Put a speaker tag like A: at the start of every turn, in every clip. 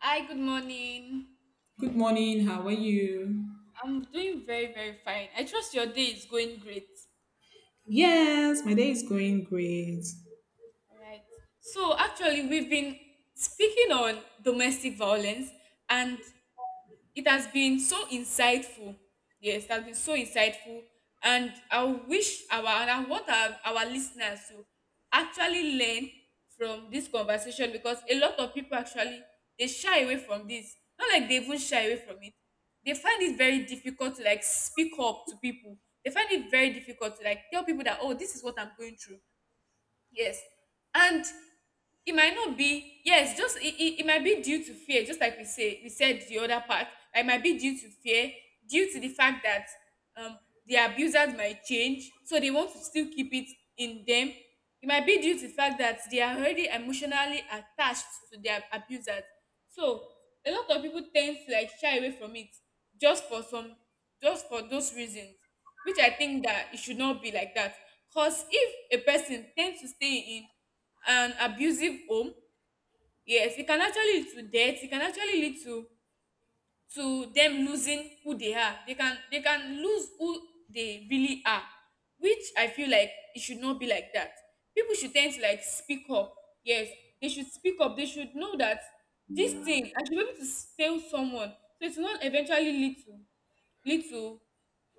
A: Hi, good morning.
B: Good morning. How are you?
A: I'm doing very, very fine. I trust your day is going great.
B: Yes, my day is going great.
A: All right. So, actually, we've been speaking on domestic violence, and it has been so insightful. Yes, it has been so insightful. And I wish our, and I want our listeners to actually learn from this conversation, because a lot of people actually, they shy away from this. Not like they even shy away from it, they find it very difficult to, like, speak up to people. They find it very difficult to, like, tell people that, oh, this is what I'm going through. Yes. And it might not be, yes, just it might be due to fear, just like we said the other part. It might be due to fear, due to the fact that um the abusers might change, so they want to still keep it in them. It might be due to the fact that they are already emotionally attached to their abusers. So a lot of people tend to, like, shy away from it, just for some just for those reasons, which I think that it should not be like that. Because if a person tends to stay in an abusive home, yes, it can actually lead to death. It can actually lead to them losing who they are. They can lose who they really are, which I feel like it should not be like that. People should tend to, like, speak up. Yes, they should speak up. They should know that this thing, I should be able to tell someone, so it's not eventually lead to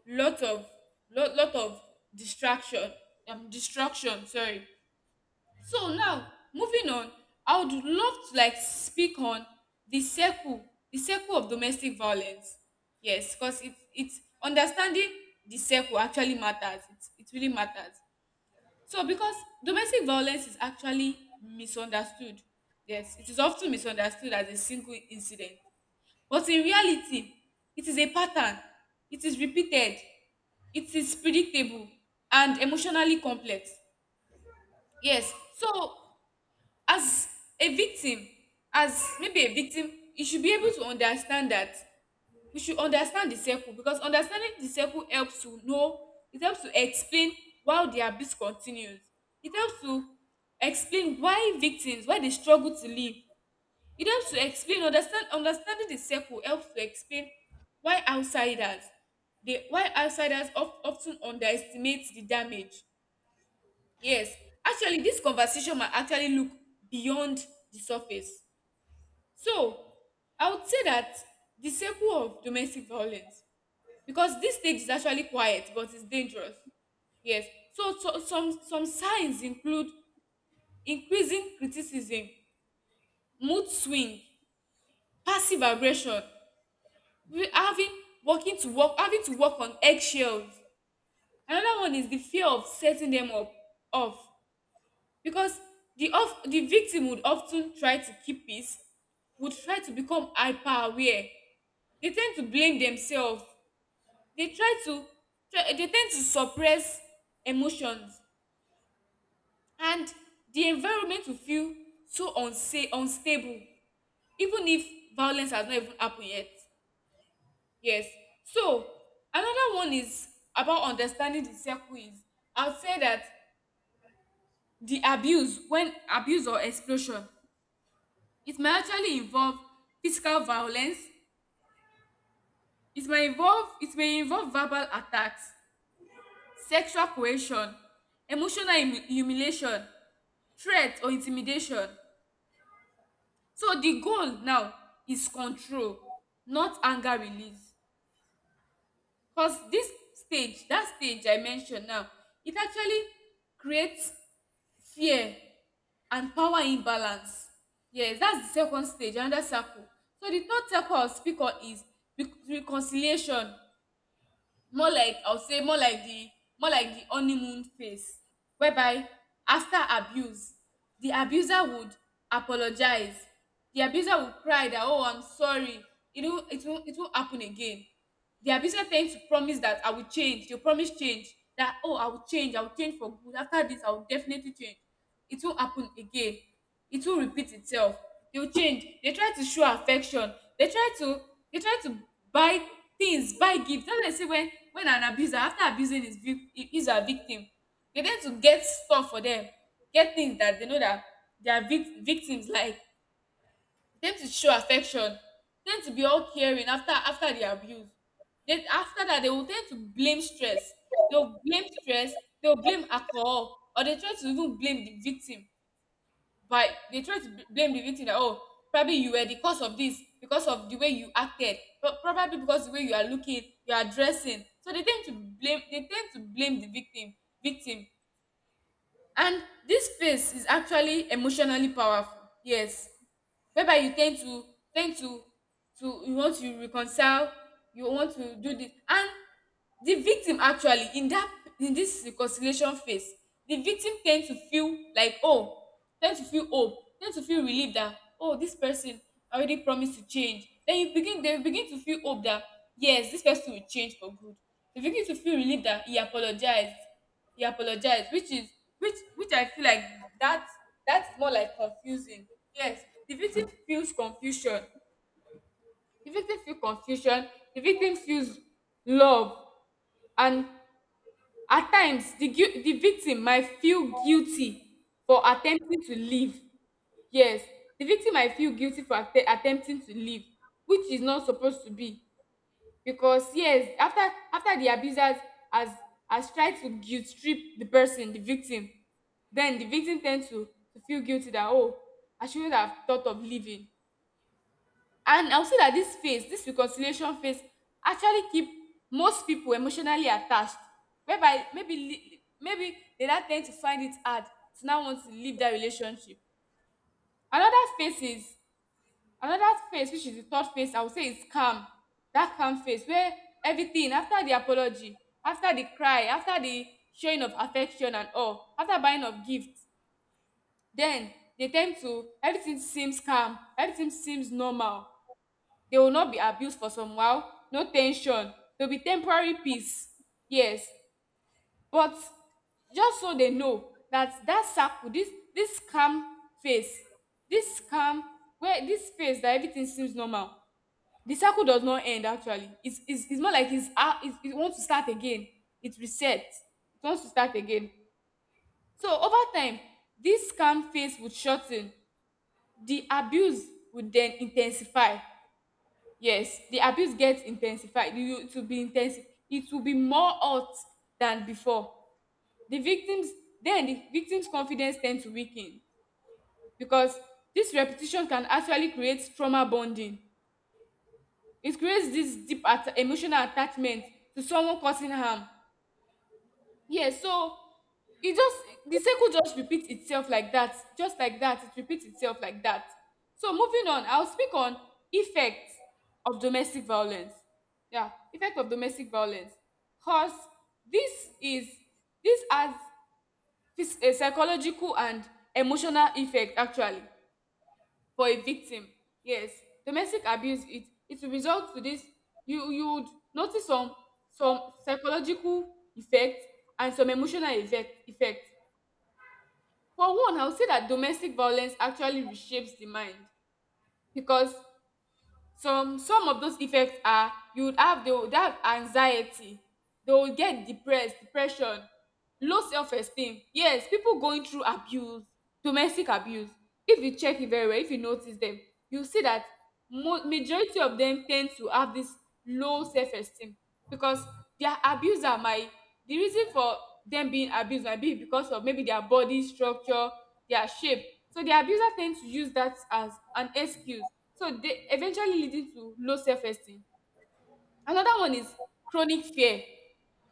A: lot of lot of distraction, destruction. Sorry. So now, moving on, I would love to, like, speak on the circle, the circle of domestic violence. Yes, because it's understanding the circle actually matters. It really matters. So, because domestic violence is actually misunderstood. Yes, it is often misunderstood as a single incident. But in reality, it is a pattern. It is repeated. It is predictable and emotionally complex. Yes. So, as a victim, as maybe a victim, you should be able to understand that. We should understand the circle, because understanding the circle helps to know, it helps to explain why the abuse continues. It helps to explain why victims, why they struggle to live. It helps to understanding the circle helps to explain why why outsiders of, often underestimate the damage. Yes, actually, this conversation might actually look beyond the surface. So, I would say that the circle of domestic violence, because this stage is actually quiet, but it's dangerous. Yes. So, some signs include increasing criticism, mood swing, passive aggression, having having to work on eggshells. Another one is the fear of setting them up off, because the of the victim would often try to keep peace, would try to become hyper aware. They tend to blame themselves. They try, they tend to suppress emotions, and the environment will feel so unsafe, unstable, even if violence has not even happened yet. Yes. So another one is about understanding the circle is, I would say that the abuse when abuse, or explosion, it may actually involve physical violence. It may involve verbal attacks, sexual coercion, emotional humiliation, threat or intimidation. So the goal now is control, not anger release. Because this stage, that stage I mentioned now, it actually creates fear and power imbalance. Yes, that's the second stage, another circle. So the third circle I'll speak on is reconciliation. More like, I would say, more like the, honeymoon phase, whereby after abuse, the abuser would apologize. The abuser would cry that, oh, I'm sorry, it won't it won't happen again. The abuser tends to promise that, I will change. They promise change, that, oh, I will change, I will change for good. After this, I will definitely change, it won't happen again. It will repeat itself. They'll change. They try to show affection. They try to they try to buy things, buy gifts. That's why I say, when an abuser, after abusing his is a victim, they tend to get stuff for them, get things that they know that their victims like. They tend to show affection, tend to be all caring after the abuse. Then after that, they will tend to blame stress. They'll blame stress. They'll blame alcohol, or they try to even blame the victim. But they try to blame the victim that, oh, probably you were the cause of this because of the way you acted. But probably because the way you are looking, you are dressing. So they tend to blame, they tend to blame the victim, victim. And this space is actually emotionally powerful. Yes. Whereby you tend to, you want to reconcile, you want to do this. And the victim actually, in that, in this reconciliation phase, the victim tend to feel like, oh, tend to feel hope, tend to feel relief that, oh, this person already promised to change. Then you begin they begin to feel hope that, yes, this person will change for good. They begin to feel relief that he apologized, which is, which I feel like that, is more like confusing. Yes, the victim feels confusion, the victim feel confusion the victim feels love. And at times, the the victim might feel guilty for attempting to leave. Yes, the victim might feel guilty for attempting to leave, which is not supposed to be. Because, yes, after the abusers has has tried to guilt trip the victim, then the victim tend to feel guilty that, oh, I shouldn't have thought of leaving. And I will say that this phase, this reconciliation phase, actually keep most people emotionally attached, whereby, maybe, maybe, they now tend to find it hard to now want to leave that relationship. Another phase is, another face, which is the third face I would say, is calm. That calm face where everything, after the apology, after the cry, after the showing of affection and all, after buying of gifts, then they tend to, everything seems calm, everything seems normal. They will not be abused for some while, no tension. There'll be temporary peace. Yes. But just so they know that that circle, this calm face, this calm, where this face that everything seems normal, the cycle does not end, actually. It's more like, it's, it wants to start again. It resets, it wants to start again. So over time, this scam phase would shorten, the abuse would then intensify. Yes, the abuse gets intensified. You, it will be intense, it will be more hot than before. the victims then the victim's confidence tend to weaken, because this repetition can actually create trauma bonding. It creates this deep emotional attachment to someone causing harm. Yeah, so it just, the cycle just repeats itself like that, just like that. It repeats itself like that. So moving on, I'll speak on effect of domestic violence. Yeah, effect of domestic violence. Cause this is, this has a psychological and emotional effect, actually, for a victim. Yes, domestic abuse, it will result to this. You would notice some psychological effect and some emotional effect. For one, I would say that domestic violence actually reshapes the mind. Because some, of those effects are, you would have, they would have anxiety, they will get depressed, depression, low self esteem. Yes, people going through abuse, domestic abuse, if you check it very well, if you notice them, you see that majority of them tend to have this low self esteem, because their abuser might, the reason for them being abused might be because of maybe their body structure, their shape. So the abuser tends to use that as an excuse. So they eventually leading to low self esteem. Another one is chronic fear.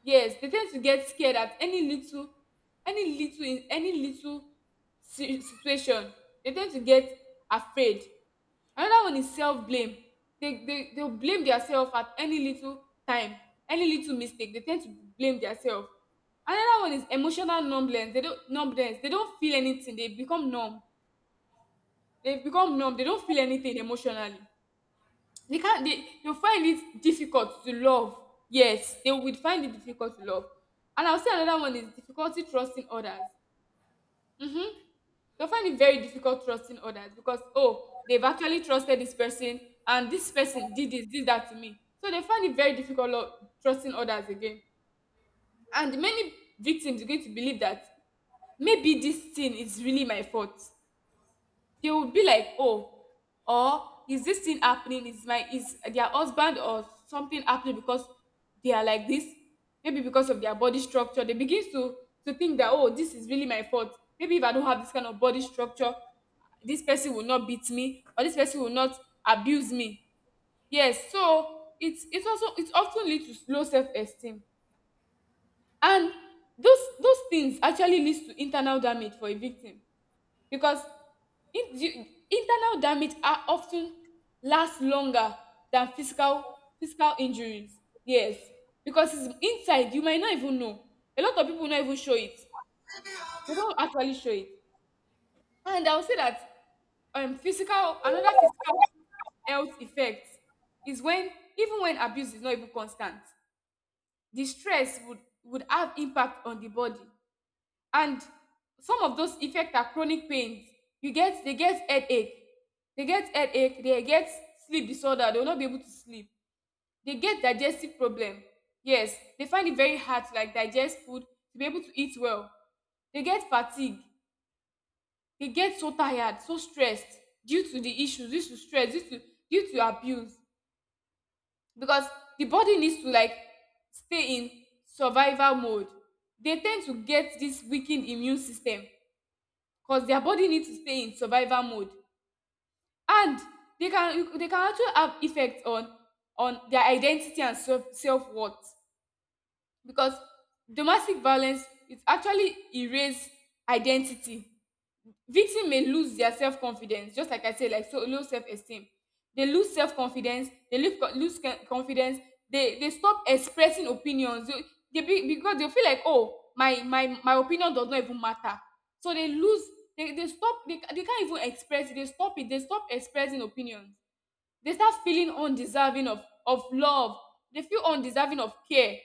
A: Yes, they tend to get scared at any little, in any little situation. They tend to get afraid. Another one is self blame. They, they'll blame themselves at any little time, any little mistake. They tend to blame themselves. Another one is emotional numbness. They don't feel anything. They become numb. They become numb. They don't feel anything emotionally. They can't they they'll find it difficult to love. Yes, they will find it difficult to love. And I'll say another one is difficulty trusting others. Mm-hmm. They'll find it very difficult trusting others because, oh, they've actually trusted this person, and this person did this, did that to me. So they find it very difficult, trusting others again. And many victims are going to believe that maybe this thing is really my fault. They would be like, oh, or is this thing happening is their husband or something happening because they are like this? Maybe because of their body structure they begin to think that, oh, this is really my fault. Maybe if I don't have this kind of body structure this person will not beat me, or this person will not abuse me. Yes, so it's also it often leads to low self-esteem. And those things actually leads to internal damage for a victim, because the internal damage are often last longer than physical injuries. Yes, because it's inside, you might not even know. A lot of people not even show it, they don't actually show it. And I would say that physical, another physical health effect is when, even when abuse is not even constant, the stress would have impact on the body. And some of those effect are chronic pains. You get, they get headache, they get sleep disorder, they will not be able to sleep. They get digestive problem. Yes, they find it very hard to like digest food, to be able to eat well. They get fatigue, they get so tired, so stressed, due to the issues, due to stress, due to abuse. Because the body needs to like stay in survival mode, they tend to get this weakened immune system, because their body needs to stay in survival mode. And they can actually have effect on their identity and self-worth, because domestic violence, it actually erase identity. Victim may lose their self confidence, just like I said, like, so low self esteem. They lose self confidence, they confidence, they stop expressing opinions. They be, because they feel like, oh, my opinion does not even matter. So they lose, they can't even express it. They stop it. They stop expressing opinions. They start feeling undeserving of love. They feel undeserving of care.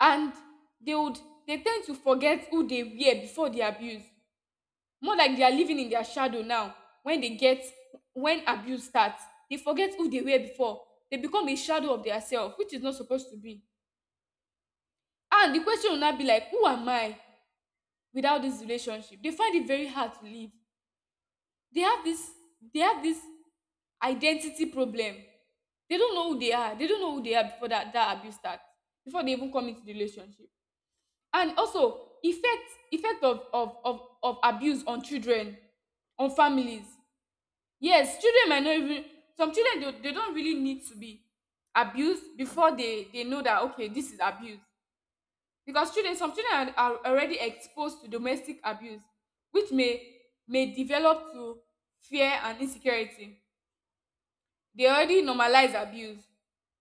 A: And they would they tend to forget who they were before the abuse, more like they are living in their shadow now. When they get, when abuse starts, they forget who they were before. They become a shadow of their self, which is not supposed to be. And the question will now be like, who am I without this relationship? They find it very hard to live. they have this they have this identity problem. They don't know who they are, they don't know who they are before that abuse starts, before they even come into the relationship. And also effect, effect of abuse on children, on families. Yes, children might not even, some children, they don't really need to be abused before they know that, okay, this is abuse. Because children, some children are already exposed to domestic abuse, which may develop to fear and insecurity. They already normalize abuse.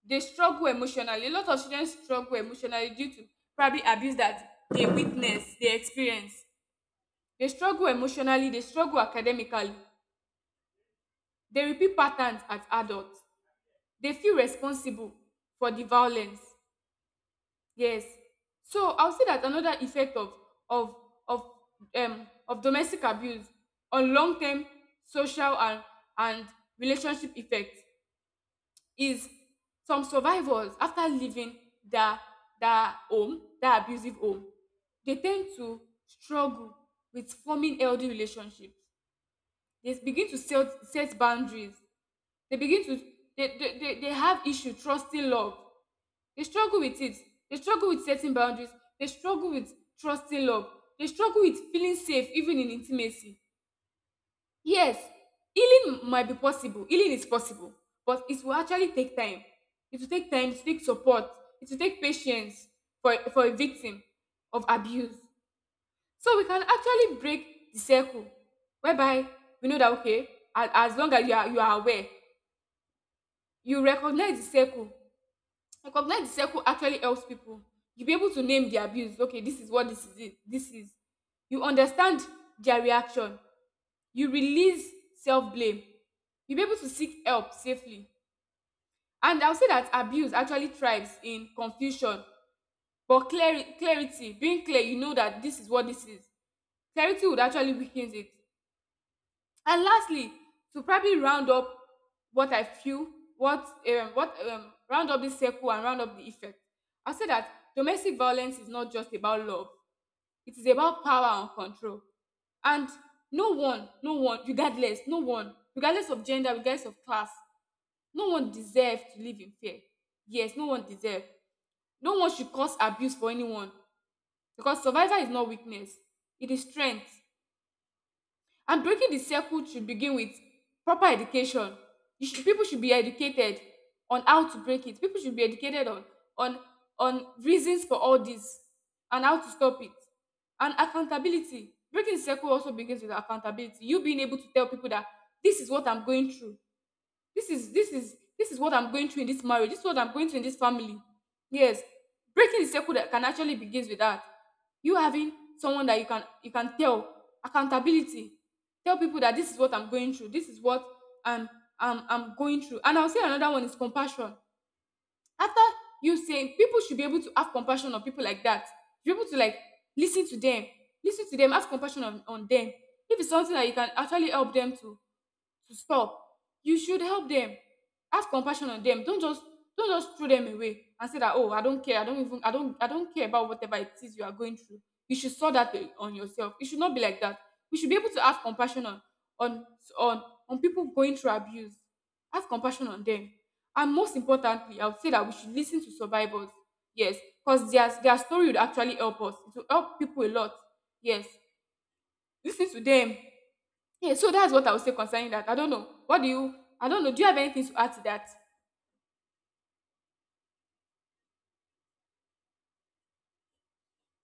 A: They struggle emotionally. A lot of children struggle emotionally due to probably abuse that they witness, they experience. They struggle emotionally, they struggle academically. They repeat patterns as adults. They feel responsible for the violence. Yes. So I'll say that another effect of of of of domestic abuse on long term social and relationship effect is, some survivors after leaving their their home their abusive home, they tend to struggle with forming healthy relationships. They begin to set boundaries, they begin to, they have issue trusting love. They struggle with it. They struggle with setting boundaries. They struggle with trusting love. They struggle with feeling safe even in intimacy. Yes, healing might be possible. Healing is possible, but it will actually take time. It will take time, it will take support, it will take patience for a victim of abuse. So we can actually break the circle, whereby we know that, okay, as long as you are aware, you recognize the circle. Recognize the circle actually helps people. You'll be able to name the abuse. Okay, this is what this is. It. This is. You understand their reaction. You release self blame. You'll be able to seek help safely. And I'll say that abuse actually thrives in confusion, but clarity, being clear, you know that this is what this is. Clarity would actually weaken it. And lastly, to probably round up what I feel, what round up this circle and round up the effect, I'll say that domestic violence is not just about love; it is about power and control. And no one, regardless of gender, regardless of class, no one deserves to live in fear. Yes, no one deserves. No one should cause abuse for anyone, because survival is not weakness; it is strength. And breaking the circle should begin with proper education. People should be educated on how to break it. People should be educated on on reasons for all this and how to stop it. And accountability. Breaking the circle also begins with accountability. You being able to tell people that this is what I'm going through, this is what I'm going through in this marriage, this is what I'm going through in this family. Yes, breaking the circle that can actually begins with that, you having someone that you can tell, accountability, tell people that this is what I'm going through, this is what i'm I'm going through. And I'll say another one is compassion. After you saying, people should be able to have compassion on people like that, be able to like listen to them, listen to them, have compassion on them. If it's something that you can actually help them to stop, you should help them, have compassion on them. Don't just, don't just throw them away and say that, oh, I don't care, I don't even I don't I don't care about whatever it is you are going through. You should sort that on yourself, it should not be like that. We should be able to have compassion on on people going through abuse, have compassion on them. And most importantly, I would say that we should listen to survivors. Yes, because their story would actually help us, it will help people a lot. Yes, listen to them. Yeah, so that's what I would say concerning that. I don't know. What do you? I don't know. Do you have anything to add to that?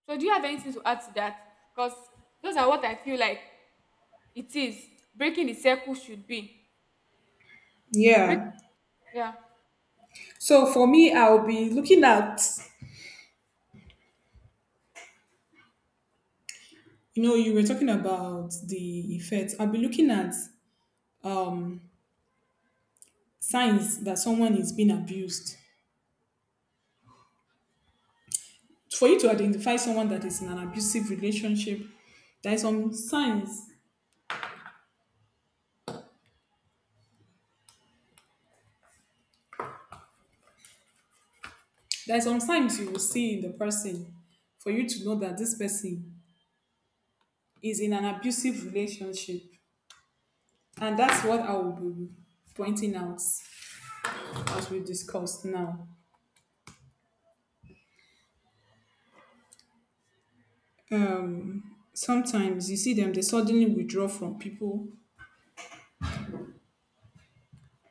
A: So do you have anything to add to that? Because those are what I feel like it is. Breaking the circle should be. Break,
B: Yeah.
A: yeah.
B: So for me, I'll be looking at, you were talking about the effects. I'll be looking at um, signs that someone is being abused. For you to identify someone that is in an abusive relationship, there are some signs. There are some signs you will see in the person for you to know that this person is in an abusive relationship. And that's what I will be pointing out as we discussed now. Sometimes you see them, they suddenly withdraw from people.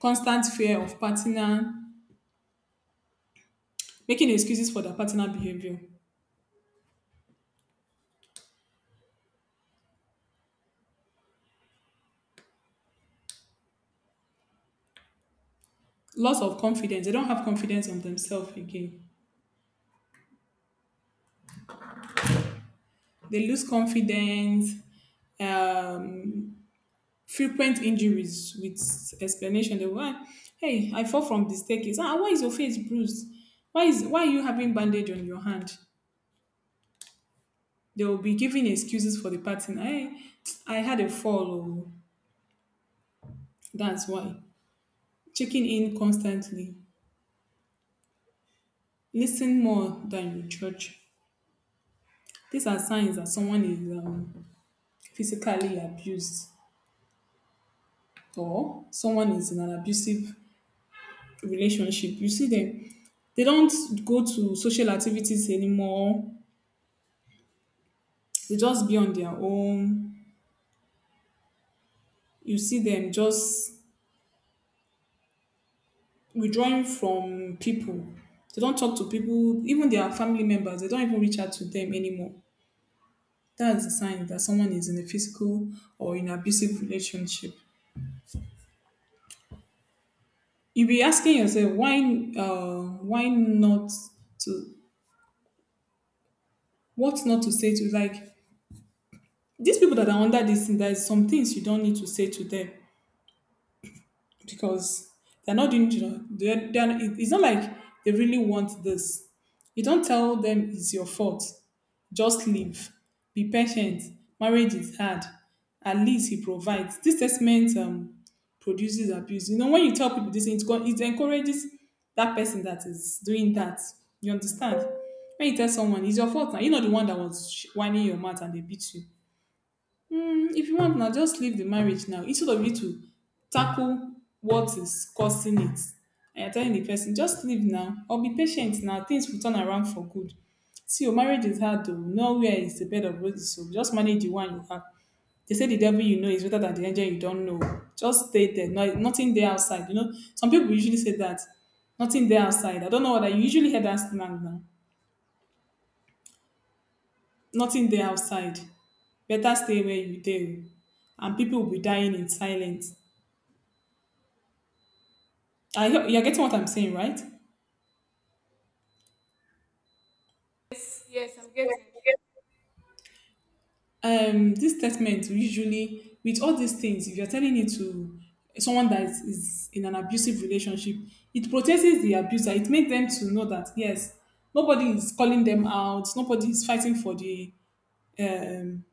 B: Constant fear of partner, making excuses for their partner behavior. Loss of confidence. They don't have confidence on themselves again. They lose confidence. Um, Frequent injuries with explanation. They why, hey, I fall from the staircase. Ah, why is your face bruised? Why are you having bandage on your hand? They will be giving excuses for the partner. Hey, I had a fall. Oh. That's why. Checking in constantly, listen more than you judge. These are signs that someone is physically abused or someone is in an abusive relationship. You see them, they don't go to social activities anymore, they just be on their own. You see them just withdrawing from people. They don't talk to people, even their family members, they don't even reach out to them anymore. That's the sign that someone is in a physical or in abusive relationship. You be asking yourself why not to what not to say to like these people that are under this thing. There's some things you don't need to say to them because they're not doing, it- it's not like they really want this. You don't tell them it's your fault. Just live. Be patient. Marriage is hard. At least he provides. This statement produces abuse. You know, when you tell people this, go- it encourages that person that is doing that. You understand? When you tell someone, it's your fault now. You're not the one that was sh- whining your mouth and they beat you. Mm, if you want now, just leave the marriage now. Instead of you to tackle what is causing it, and you're telling the person, just leave now or be patient now. Things will turn around for good. See, your marriage is hard though. Nowhere is the bed of roses. So just manage the one you have. They say the devil you know is better than the angel you don't know. Just stay there. No, nothing there outside. You know, some people usually say that. Nothing there outside. I don't know what I usually hear that slang now. Nothing there outside. Better stay where you dey. Oh, and people will be dying in silence. I hope you're getting what I'm saying, right?
A: Yes. Yes, I'm getting.
B: This statement will usually, with all these things, if you're telling it to someone that is in an abusive relationship, it protects the abuser. It makes them to know that yes, nobody is calling them out. Nobody is fighting for the um,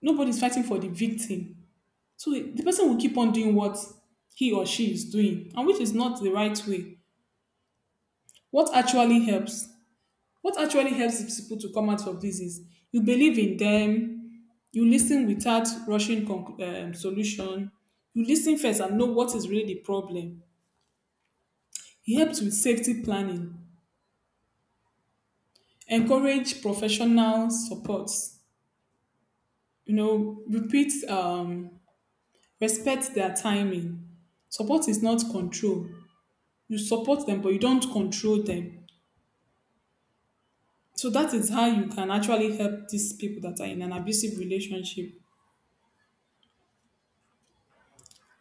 B: victim. So the person will keep on doing what he or she is doing, and which is not the right way. What actually helps? What actually helps is People to come out of this is you believe in them, you listen without solution, you listen first and know what is really the problem. It helps with safety planning, encourage professional support, you know, repeat, um, respect their timing. Support is not control. You support them, but you don't control them. So that is how you can actually help these people that are in an abusive relationship.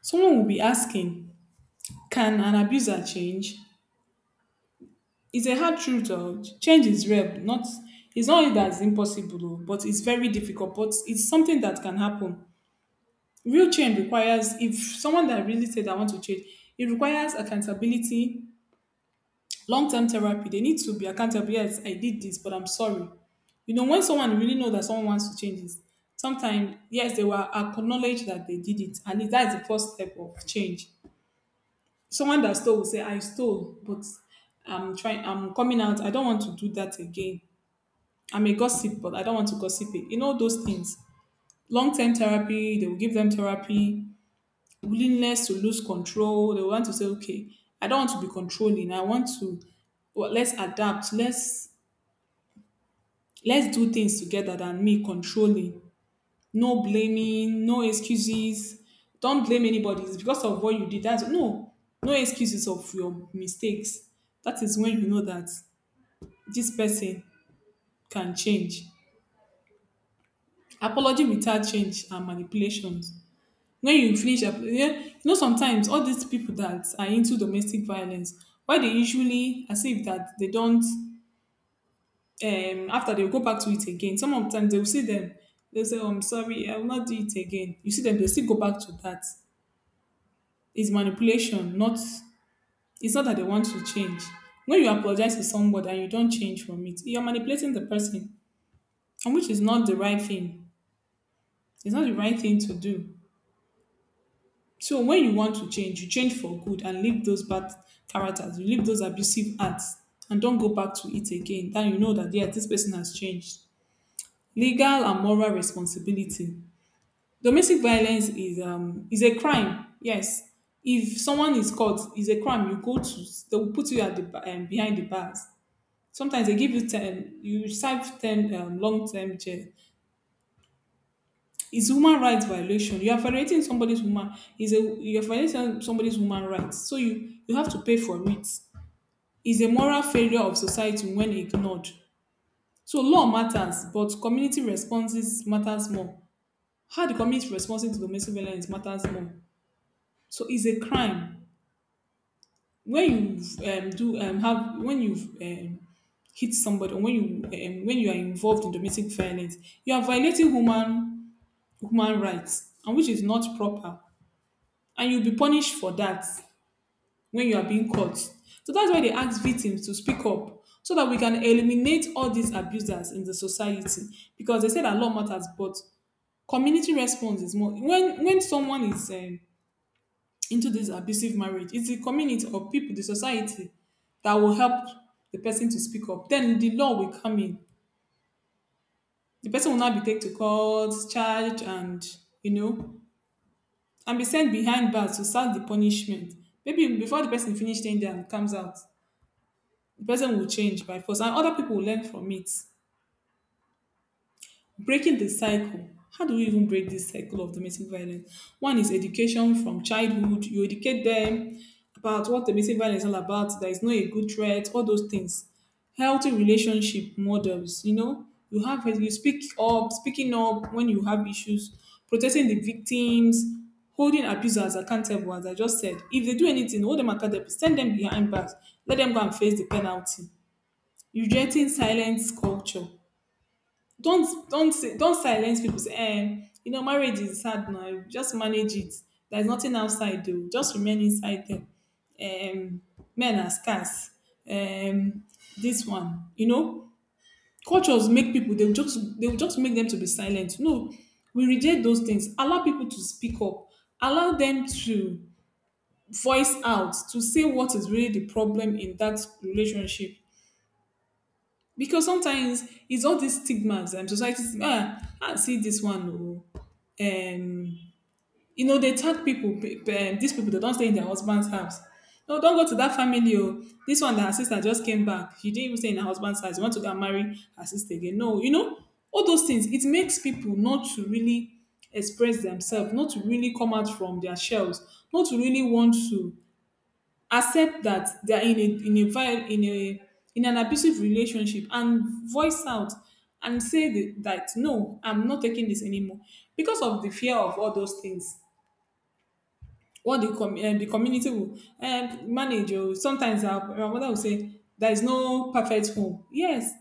B: Someone will be asking, can an abuser change? It's a hard truth. Or change is real. Not it's not it that's impossible, oh, but it's very difficult. But it's something that can happen. Real change requires if someone that really said I want to change, it requires accountability, long-term therapy. They need to be accountable. Yes, I did this, but I'm sorry. You know, when someone really know that someone wants to change is sometimes yes, they will acknowledge that they did it, and that's the first step of change. Someone that stole will say I stole, but I'm trying, I'm coming out, I don't want to do that again. I'm a gossip, but I don't want to gossip it, you know, those things. Long-term therapy, they will give them therapy. Willingness to lose control, they want to say, okay, I don't want to be controlling, I want to, let's adapt, let's do things together than me controlling. No blaming, no excuses. Don't blame anybody. It's because of what you did. That's no, no excuses of your mistakes. That is when you know that this person can change. Apology without change and manipulations. When you finish, apo- yeah, you know, sometimes all these people that are into domestic violence, why they usually as if that they don't. After they go back to it again. Some of them they will see them. They will say, "Oh, I'm sorry, I will not do it again." You see them, they still go back to that is manipulation, not it's not that they want to change. When you apologize to somebody and you don't change from it, you're manipulating the person, and which is not the right thing. It's not the right thing to do. So when you want to change, you change for good and leave those bad characters, you leave those abusive acts, and don't go back to it again. Then you know that yes, this person has changed. Legal and moral responsibility. Domestic violence is a crime. Yes, if someone is caught, is a crime. You go to They will put you at the behind the bars. Sometimes they give you 10, you serve 10 long term jail. It's human rights violation. You are violating somebody's woman. Is a You are violating somebody's human rights. So you have to pay for. It's a moral failure of society when ignored. So law matters, but community responses matters more. How the community is responding to domestic violence matters more. So it's a crime when you um, hit somebody or when you are involved in domestic violence, you are violating human rights, and which is not proper, and you'll be punished for that when you are being caught. So that's why they ask victims to speak up so that we can eliminate all these abusers in the society, because they say that law matters, but community response is more. When someone is into this abusive marriage, it's the community or people, the society that will help the person to speak up. Then the law will come in. The person will not be taken to court, charged, and, you know, and be sent behind bars to start the punishment. Maybe before the person finishes staying there and comes out, the person will change by force, and other people will learn from it. Breaking the cycle. How do we even break this cycle of domestic violence? One is education from childhood. You educate them about what domestic violence is all about. There is no a good threat, all those things. Healthy relationship models, you know, you have, you speak up, speaking up when you have issues. Protecting the victims. Holding abusers accountable, as I just said, if they do anything, hold them accountable, send them behind bars, let them go and face the penalty. Rejecting silence culture. Don't silence people, say, eh, you know marriage is hard now, just manage it. There's nothing outside though, just remain inside them. um Men are scarce. um this one, you know, cultures make people, they'll just make them to be silent. No, we reject those things. Allow people to speak up. Allow them to voice out, to say what is really the problem in that relationship. Because sometimes it's all these stigmas and society. Ah, I see this one. Oh, um you know they tag people these people they don't stay in their husband's house. No, don't go to that family. Oh, this one that her sister just came back, she didn't even stay in her husband's house. You want to go and marry her sister again? No, you know, all those things, it makes people not to really express themselves, not to really come out from their shells, not to really want to accept that they are in a in a in an abusive relationship and voice out and say that no, I'm not taking this anymore, because of the fear of all those things, what the community will manage. Or sometimes our mother will say there is no perfect home. Yes,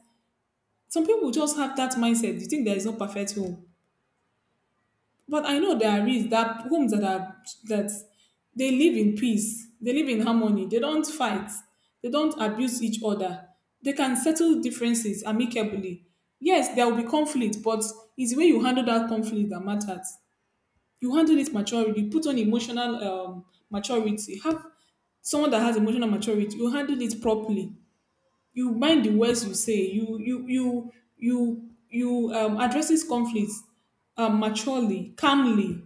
B: some people just have that mindset. You think there is no perfect home, but I know there is. That homes that are that, they live in peace, they live in harmony, they don't fight, they don't abuse each other, they can settle differences amicably. Yes, there will be conflict, but it's the way you handle that conflict that matters. You handle it maturely, you put on emotional maturity, have someone that has emotional maturity, you handle it properly. You mind the words you say. You addresses conflicts maturely, calmly,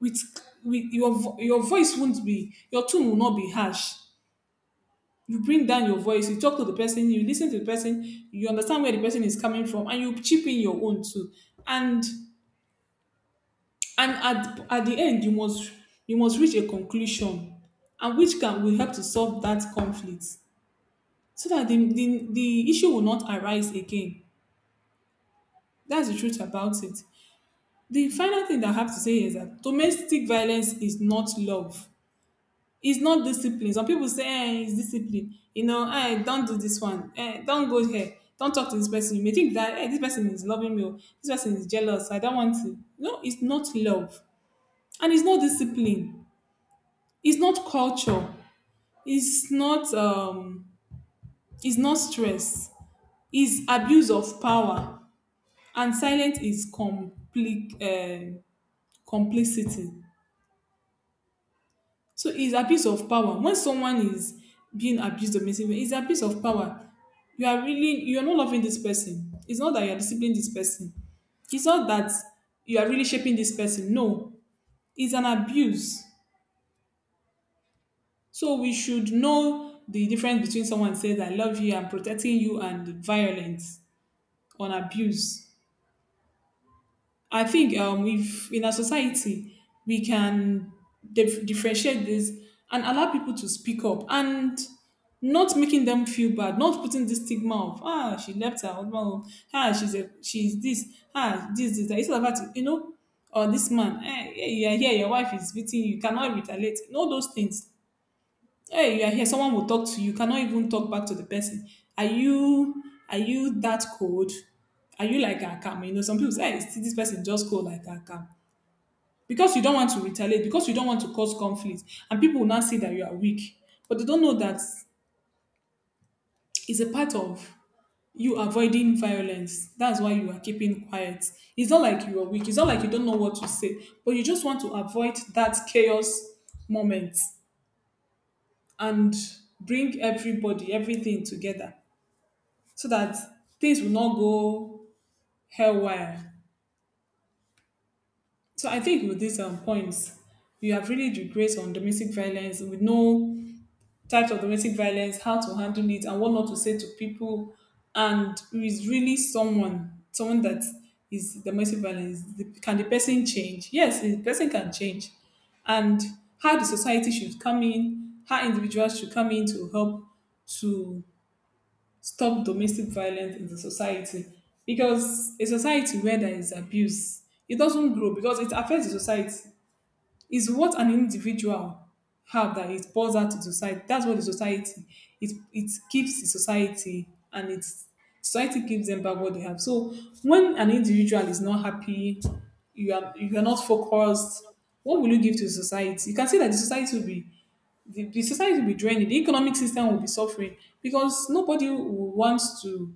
B: with with your your voice won't be, your tone will not be harsh. You bring down your voice, you talk to the person, you listen to the person, you understand where the person is coming from, and you chip in your own too. and and at the end you must, you must reach a conclusion, and which can will help to solve that conflict, so that the issue will not arise again. That's the truth about it. The final thing that I have to say is that domestic violence is not love. It's not discipline. Some people say, eh, it's discipline. You know, eh, don't do this one. Eh, don't go here. Don't talk to this person. You may think that, eh, this person is loving me, or this person is jealous. I don't want to. No, it's not love. And it's not discipline. It's not culture. It's not, um, it's not stress. It's abuse of power. And silence is complicity. So it's abuse of power. When someone is being abused or misused, it's abuse of power. You are really, you are not loving this person. It's not that you are disciplining this person. It's not that you are really shaping this person. No, it's an abuse. So we should know the difference between someone says I love you and protecting you, and violence on abuse. I think if in our society we can differentiate this and allow people to speak up and not making them feel bad, not putting this stigma of, ah, she left her husband, home. Ah, she's a, she's this, ah, this that, instead of her to, you know, or this man, eh, yeah, yeah, yeah, your wife is beating you, you cannot retaliate, all those things. Hey, you are here, someone will talk to you, you cannot even talk back to the person. Are you, are you that cold? Are you like akam? You know, some people say, hey, see this person just cold like akam. Because you don't want to retaliate, because you don't want to cause conflict. And people will now see that you are weak. But they don't know that it's a part of you avoiding violence, that's why you are keeping quiet. It's not like you are weak, it's not like you don't know what to say, but you just want to avoid that chaos moment and bring everybody, everything together, so that things will not go haywire. So I think with these points, you have really regressed on domestic violence. We know types of domestic violence, how to handle it, and what not to say to people. And who is really someone, someone that is domestic violence. The- Can the person change? Yes, the person can change. And how the society should come in, how individuals should come in to help to stop domestic violence in the society. Because a society where there is abuse, it doesn't grow, because it affects the society. It's what an individual have that it pours out to society, that's what the society, it gives the society, and it's society gives them back what they have. So when an individual is not happy, you are, you are not focused, what will you give to the society? You can see that the society will be, the society will be draining, the economic system will be suffering, because nobody will want to,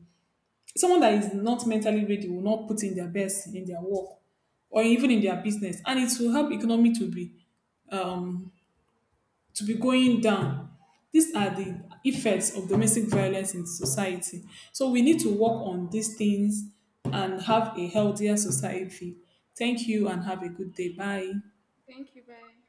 B: someone that is not mentally ready will not put in their best in their work or even in their business, and it will help economy to be, to be going down. These are the effects of domestic violence in society. So we need to work on these things and have a healthier society. Thank you and have a good day. Bye.
A: Thank you. Bye.